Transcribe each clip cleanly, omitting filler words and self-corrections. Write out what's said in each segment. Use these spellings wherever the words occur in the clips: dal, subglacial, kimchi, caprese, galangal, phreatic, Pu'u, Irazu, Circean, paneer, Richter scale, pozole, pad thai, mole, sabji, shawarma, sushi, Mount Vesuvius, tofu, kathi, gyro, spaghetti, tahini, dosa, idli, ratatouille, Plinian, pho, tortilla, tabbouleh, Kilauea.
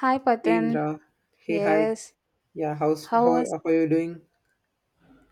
Hi, Hey Patan. Indra, hey hi, Yes. yeah, How was? how are you doing?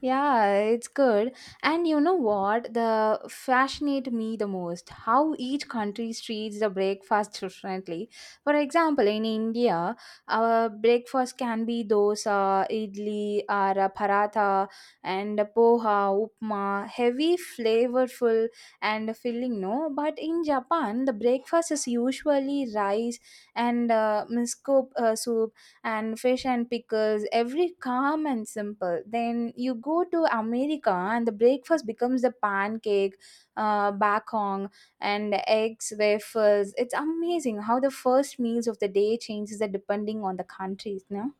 Yeah, it's good. And you know what? The fascinate me the most how each country treats the breakfast differently. For example, in India, our breakfast can be dosa, idli, or a paratha, and a poha, upma, heavy, flavorful, and filling. No, but in Japan, the breakfast is usually rice and miso soup and fish and pickles, every calm and simple. Then you go to America and the breakfast becomes the pancake, bakong, and eggs, waffles. It's amazing how the first meals of the day changes the depending on the countries. No?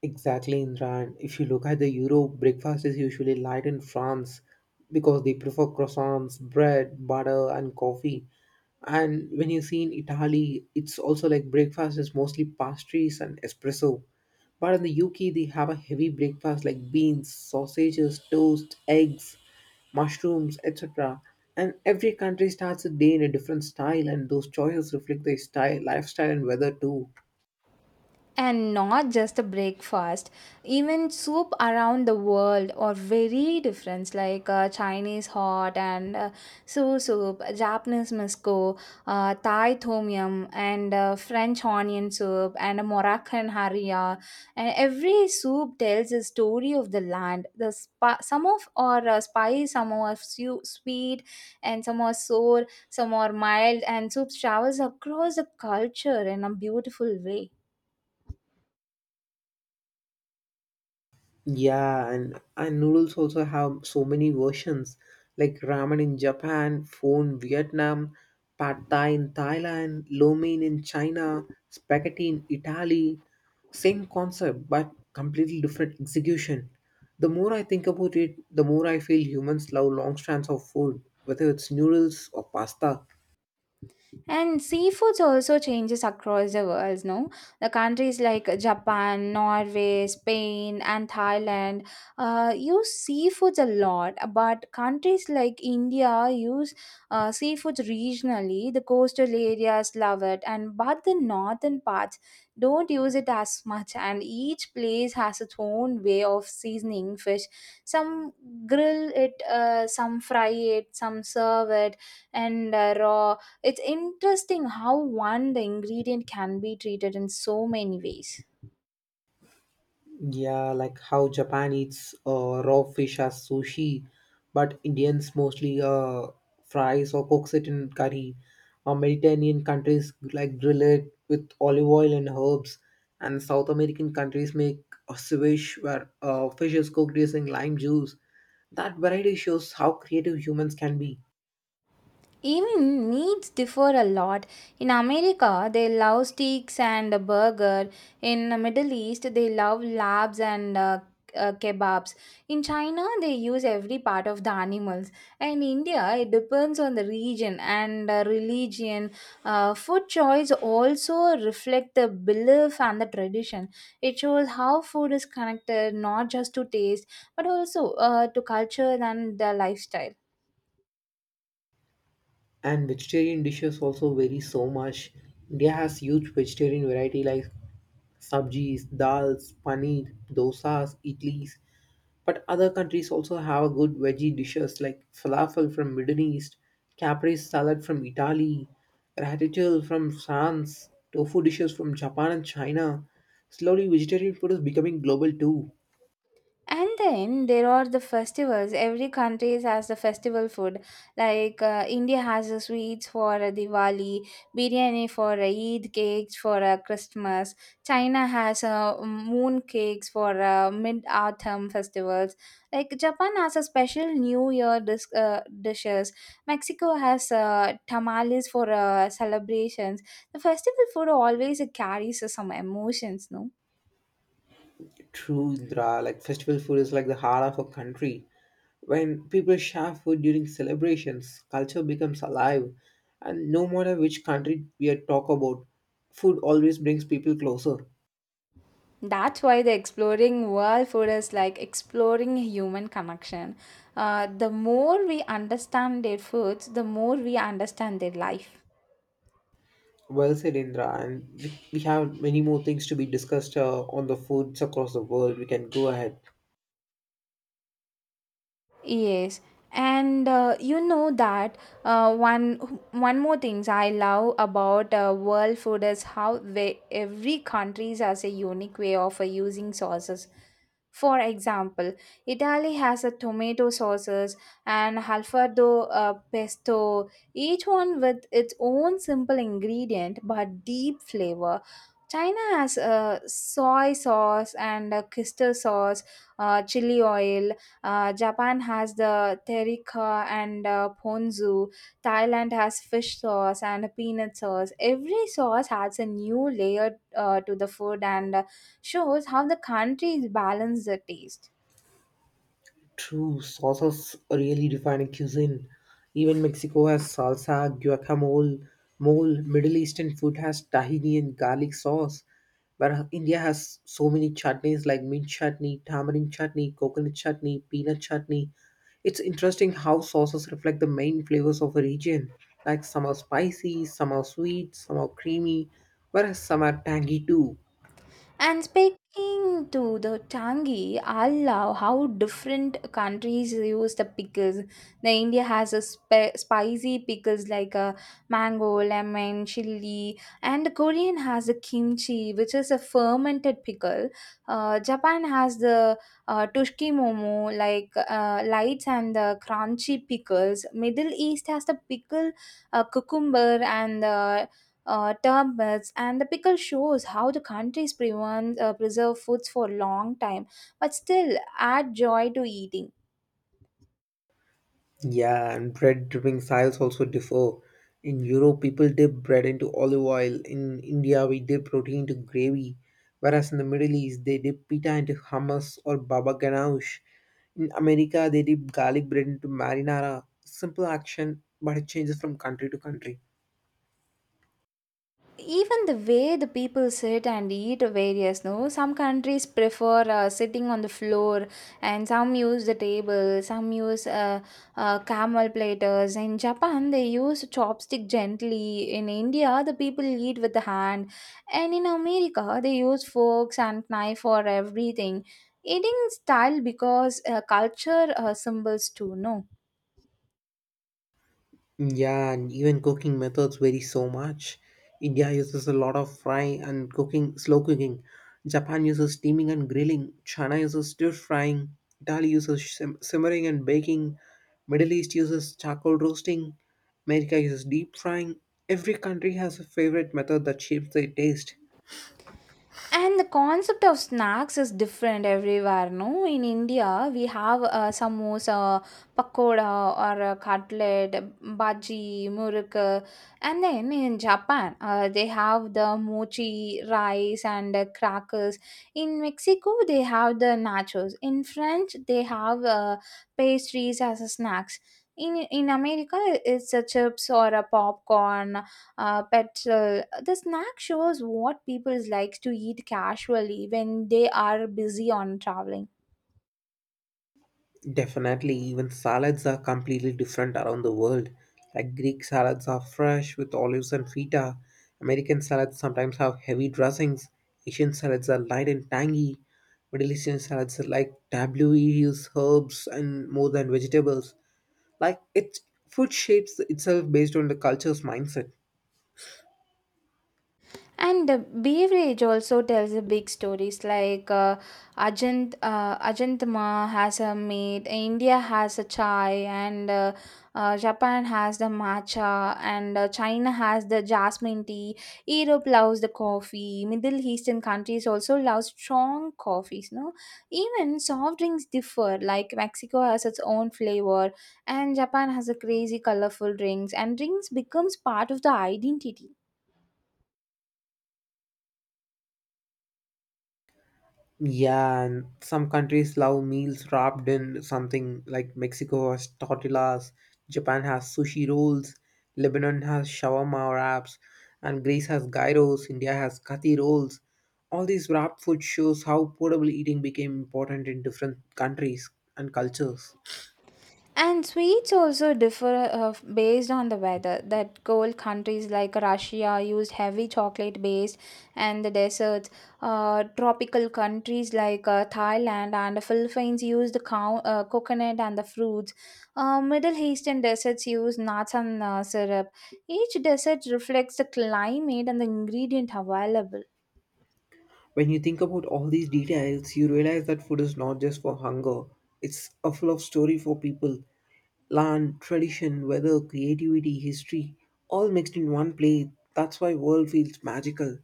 Exactly, Indra. And if you look at the Europe, breakfast is usually light in France because they prefer croissants, bread, butter, and coffee. And when you see in Italy, it's also like breakfast is mostly pastries and espresso. But in the UK, they have a heavy breakfast like beans, sausages, toast, eggs, mushrooms, etc. And every country starts a day in a different style, and those choices reflect their style, lifestyle, and weather too. And not just a breakfast, even soup around the world are very different, like chinese hot and so soup, japanese miso, thai tom yum and french onion soup and a moroccan haria, and every soup tells a story of the land. The some of are spicy, some are sweet, and some are sour, some are mild, and soup travels across the culture in a beautiful way. Yeah, and noodles also have so many versions like ramen in Japan, pho in Vietnam, pad thai in Thailand, lo mein in China, spaghetti in Italy. Same concept but completely different execution. The more I think about it, the more I feel humans love long strands of food, whether it's noodles or pasta. And seafoods also changes across the world, no? The countries like Japan, Norway, Spain, and Thailand use seafoods a lot, but countries like India use seafoods regionally. The coastal areas love it, and but the northern parts don't use it as much. And each place has its own way of seasoning fish. Some grill it, some fry it, some serve it, and raw. It's interesting how one the ingredient can be treated in so many ways. Yeah, like how Japan eats raw fish as sushi, but Indians mostly fries or cooks it in curry. Or Mediterranean countries like grill it with olive oil and herbs, and South American countries make a ceviche where fish is cooked using lime juice. That variety shows how creative humans can be. Even meats differ a lot. In America, they love steaks and a burger. In the Middle East, they love labs and kebabs. In China, they use every part of the animals. And India, it depends on the region and religion. Food choice also reflect the belief and the tradition. It shows how food is connected not just to taste but also to culture and the lifestyle. And vegetarian dishes also vary so much. India has huge vegetarian variety like sabjis, dals, paneer, dosas, idlis. But other countries also have good veggie dishes like falafel from Middle East, caprese salad from Italy, ratatouille from France, tofu dishes from Japan and China. Slowly, vegetarian food is becoming global too. And then there are the festivals. Every country has the festival food. Like India has the sweets for Diwali, biryani for Eid, cakes for Christmas. China has moon cakes for mid autumn festivals. Like Japan has a special New Year dishes. Mexico has tamales for celebrations. The festival food always carries some emotions, no? True, Indra. Like festival food is like the heart of a country. When people share food during celebrations, culture becomes alive. And no matter which country we are talk about, food always brings people closer. That's why the exploring world food is like exploring human connection. The more we understand their foods, the more we understand their life. Well said, Indra. And we have many more things to be discussed on the foods across the world. We can go ahead. Yes, and you know that uh, one one more things I love about world food is how they, every country has a unique way of using sauces. For example, Italy has a tomato sauces and Alfredo, pesto, each one with its own simple ingredient but deep flavor. China has soy sauce and crystal sauce, chili oil, Japan has the terika and ponzu. Thailand has fish sauce and peanut sauce. Every sauce adds a new layer to the food and shows how the countries balance the taste. True, sauces really define a cuisine. Even Mexico has salsa, guacamole, mole. Middle Eastern food has tahini and garlic sauce. But India has so many chutneys like mint chutney, tamarind chutney, coconut chutney, peanut chutney. It's interesting how sauces reflect the main flavors of a region. Like some are spicy, some are sweet, some are creamy, whereas some are tangy too. And speaking to the tangi, I love how different countries use the pickles. The India has a spicy pickles like a mango, lemon, chili, and the Korean has the kimchi, which is a fermented pickle. Japan has the tushki momo, like lights and the crunchy pickles. Middle East has the pickle, cucumber, and the term, and the pickle shows how the countries preserve foods for a long time but still add joy to eating. Yeah, and bread dipping styles also differ. In Europe, people dip bread into olive oil. In India, we dip protein into gravy. Whereas in the Middle East, they dip pita into hummus or baba ganoush. In America, they dip garlic bread into marinara. Simple action, but it changes from country to country. Even the way the people sit and eat varies, no? Some countries prefer sitting on the floor, and some use the table, some use camel platters. In Japan, they use chopstick gently. In India, the people eat with the hand. And in America, they use forks and knife for everything. Eating style because culture symbols too, no? Yeah, and even cooking methods vary so much. India uses a lot of fry and cooking, slow cooking. Japan uses steaming and grilling. China uses stir frying. Italy uses simmering and baking. Middle East uses charcoal roasting. America uses deep frying. Every country has a favorite method that shapes their taste. And the concept of snacks is different everywhere, no? In India, we have samosa, pakoda, or a cutlet, bhaji, muruk. And then in Japan, they have the mochi, rice, and crackers. In Mexico, they have the nachos. In French, they have pastries as a snacks. In America, it's a chips or a popcorn petrol. The snack shows what people likes to eat casually when they are busy on traveling. Definitely, even salads are completely different around the world. Like Greek salads are fresh with olives and feta. American salads sometimes have heavy dressings. Asian salads are light and tangy. Middle Eastern salads are like tabbouleh, herbs, and more than vegetables. Like it, food shapes itself based on the culture's mindset. And the beverage also tells a big stories, like Ajant, Ajantma has a meat, India has a chai, and Japan has the matcha, and China has the jasmine tea. Europe loves the coffee. Middle Eastern countries also love strong coffees. No, even soft drinks differ. Like Mexico has its own flavor, and Japan has a crazy colorful drinks, and drinks becomes part of the identity. Yeah, and some countries love meals wrapped in something like Mexico has tortillas, Japan has sushi rolls, Lebanon has shawarma wraps, and Greece has gyros, India has kathi rolls. All these wrap food shows how portable eating became important in different countries and cultures. And sweets also differ based on the weather. That cold countries like Russia used heavy chocolate base, and the deserts. Tropical countries like Thailand and the Philippines use the coconut and the fruits. Middle Eastern deserts use nuts and syrup. Each desert reflects the climate and the ingredient available. When you think about all these details, you realize that food is not just for hunger, it's a full of story for people. Land, tradition, weather, creativity, history, all mixed in one play. That's why world feels magical.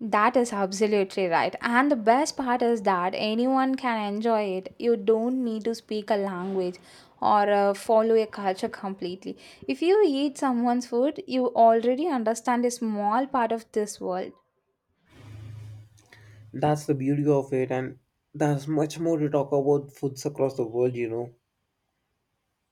That is absolutely right. And the best part is that anyone can enjoy it. You don't need to speak a language or follow a culture completely. If you eat someone's food, you already understand a small part of this world. That's the beauty of it, and there's much more to talk about foods across the world, you know.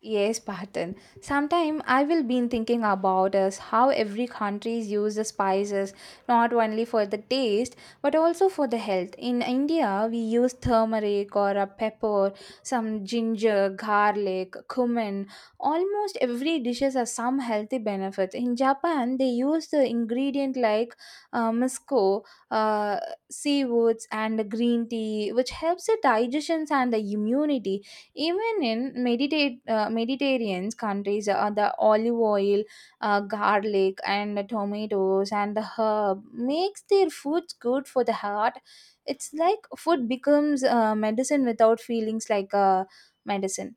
Yes, Patan. Sometime I will been thinking about us how every countries use the spices not only for the taste but also for the health. In India, we use turmeric or a pepper, some ginger, garlic, cumin. Almost every dishes has some healthy benefit. In Japan, they use the ingredient like miso, uh, seaweeds, and green tea, which helps the digestions and the immunity, even in Mediterranean countries, the olive oil, garlic, and the tomatoes and the herb makes their foods good for the heart. It's like food becomes medicine without feelings like medicine.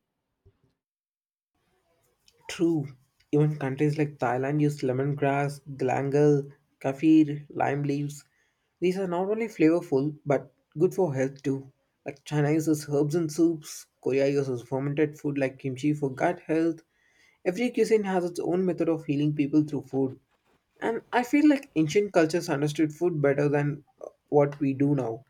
True. Even countries like Thailand use lemongrass, galangal, kaffir, lime leaves. These are not only flavorful but good for health too. Like China uses herbs in soups, Korea uses fermented food like kimchi for gut health. Every cuisine has its own method of healing people through food. And I feel like ancient cultures understood food better than what we do now.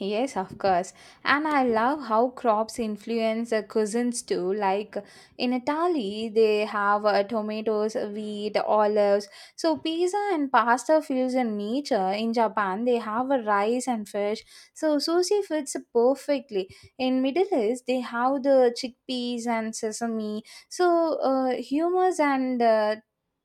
Yes, of course. And I love how crops influence the cuisines too. Like in Italy, they have tomatoes, wheat, olives. So pizza and pasta feels in nature. In Japan, they have rice and fish. So sushi fits perfectly. In Middle East, they have the chickpeas and sesame. So hummus and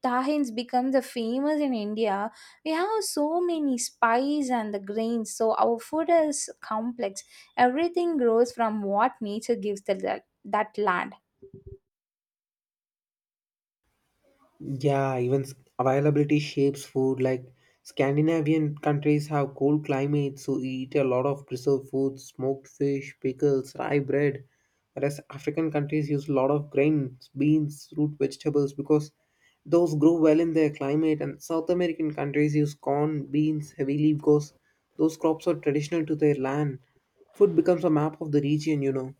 tahins become the famous. In India we have so many spices and the grains, so our food is complex. Everything grows from what nature gives the, that land. Yeah, even availability shapes food. Like Scandinavian countries have cold climates, so eat a lot of preserved foods, smoked fish, pickles, rye bread. Whereas African countries use a lot of grains, beans, root vegetables because those grow well in their climate. And South American countries use corn, beans heavily because those crops are traditional to their land. Food becomes a map of the region, you know.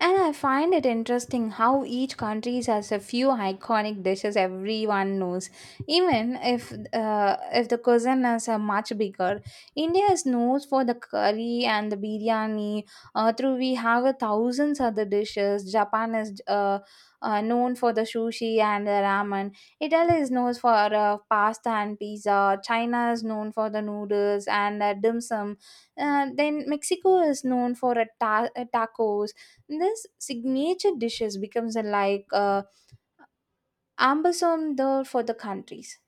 And I find it interesting how each country has a few iconic dishes everyone knows. Even if the cuisines are much bigger, India is known for the curry and the biryani. Through we have a thousands other dishes. Japan is known for the sushi and the ramen. Italy is known for pasta and pizza. China is known for the noodles and dim sum. Then Mexico is known for a tacos. This signature dishes becomes a like ambassador for the countries.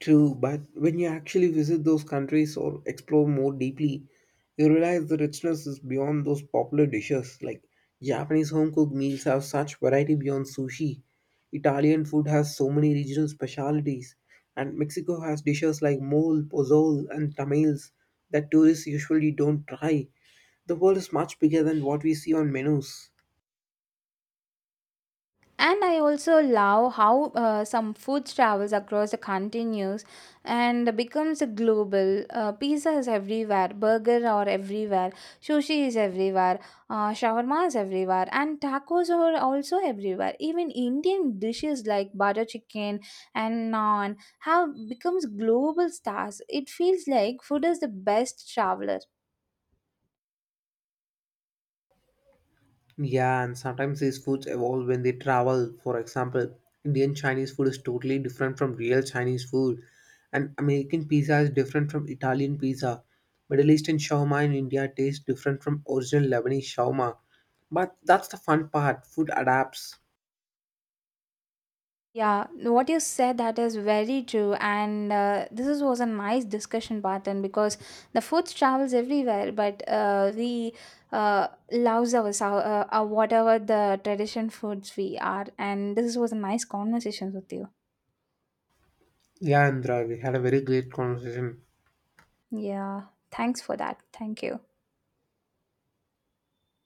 True, but when you actually visit those countries or explore more deeply, you realize the richness is beyond those popular dishes. Like Japanese home cooked meals have such variety beyond sushi. Italian food has so many regional specialities, and Mexico has dishes like mole, pozole, and tamales that tourists usually don't try. The world is much bigger than what we see on menus. And I also love how some food travels across the continents and becomes global. Pizza is everywhere, burger are everywhere, sushi is everywhere, shawarma is everywhere, and tacos are also everywhere. Even indian dishes like butter chicken and naan have becomes global stars. It feels like food is the best traveler. Yeah, and sometimes these foods evolve when they travel. For example, Indian Chinese food is totally different from real Chinese food, and American pizza is different from Italian pizza. Middle Eastern shawarma in India tastes different from original Lebanese shawarma. But that's the fun part. Food adapts. Yeah, what you said that is very true, and this is, was a nice discussion pattern because the food travels everywhere, but we loves our whatever the tradition foods we are, and this was a nice conversation with you. Yeah, Andra, we had a very great conversation. Yeah, thanks for that. Thank you.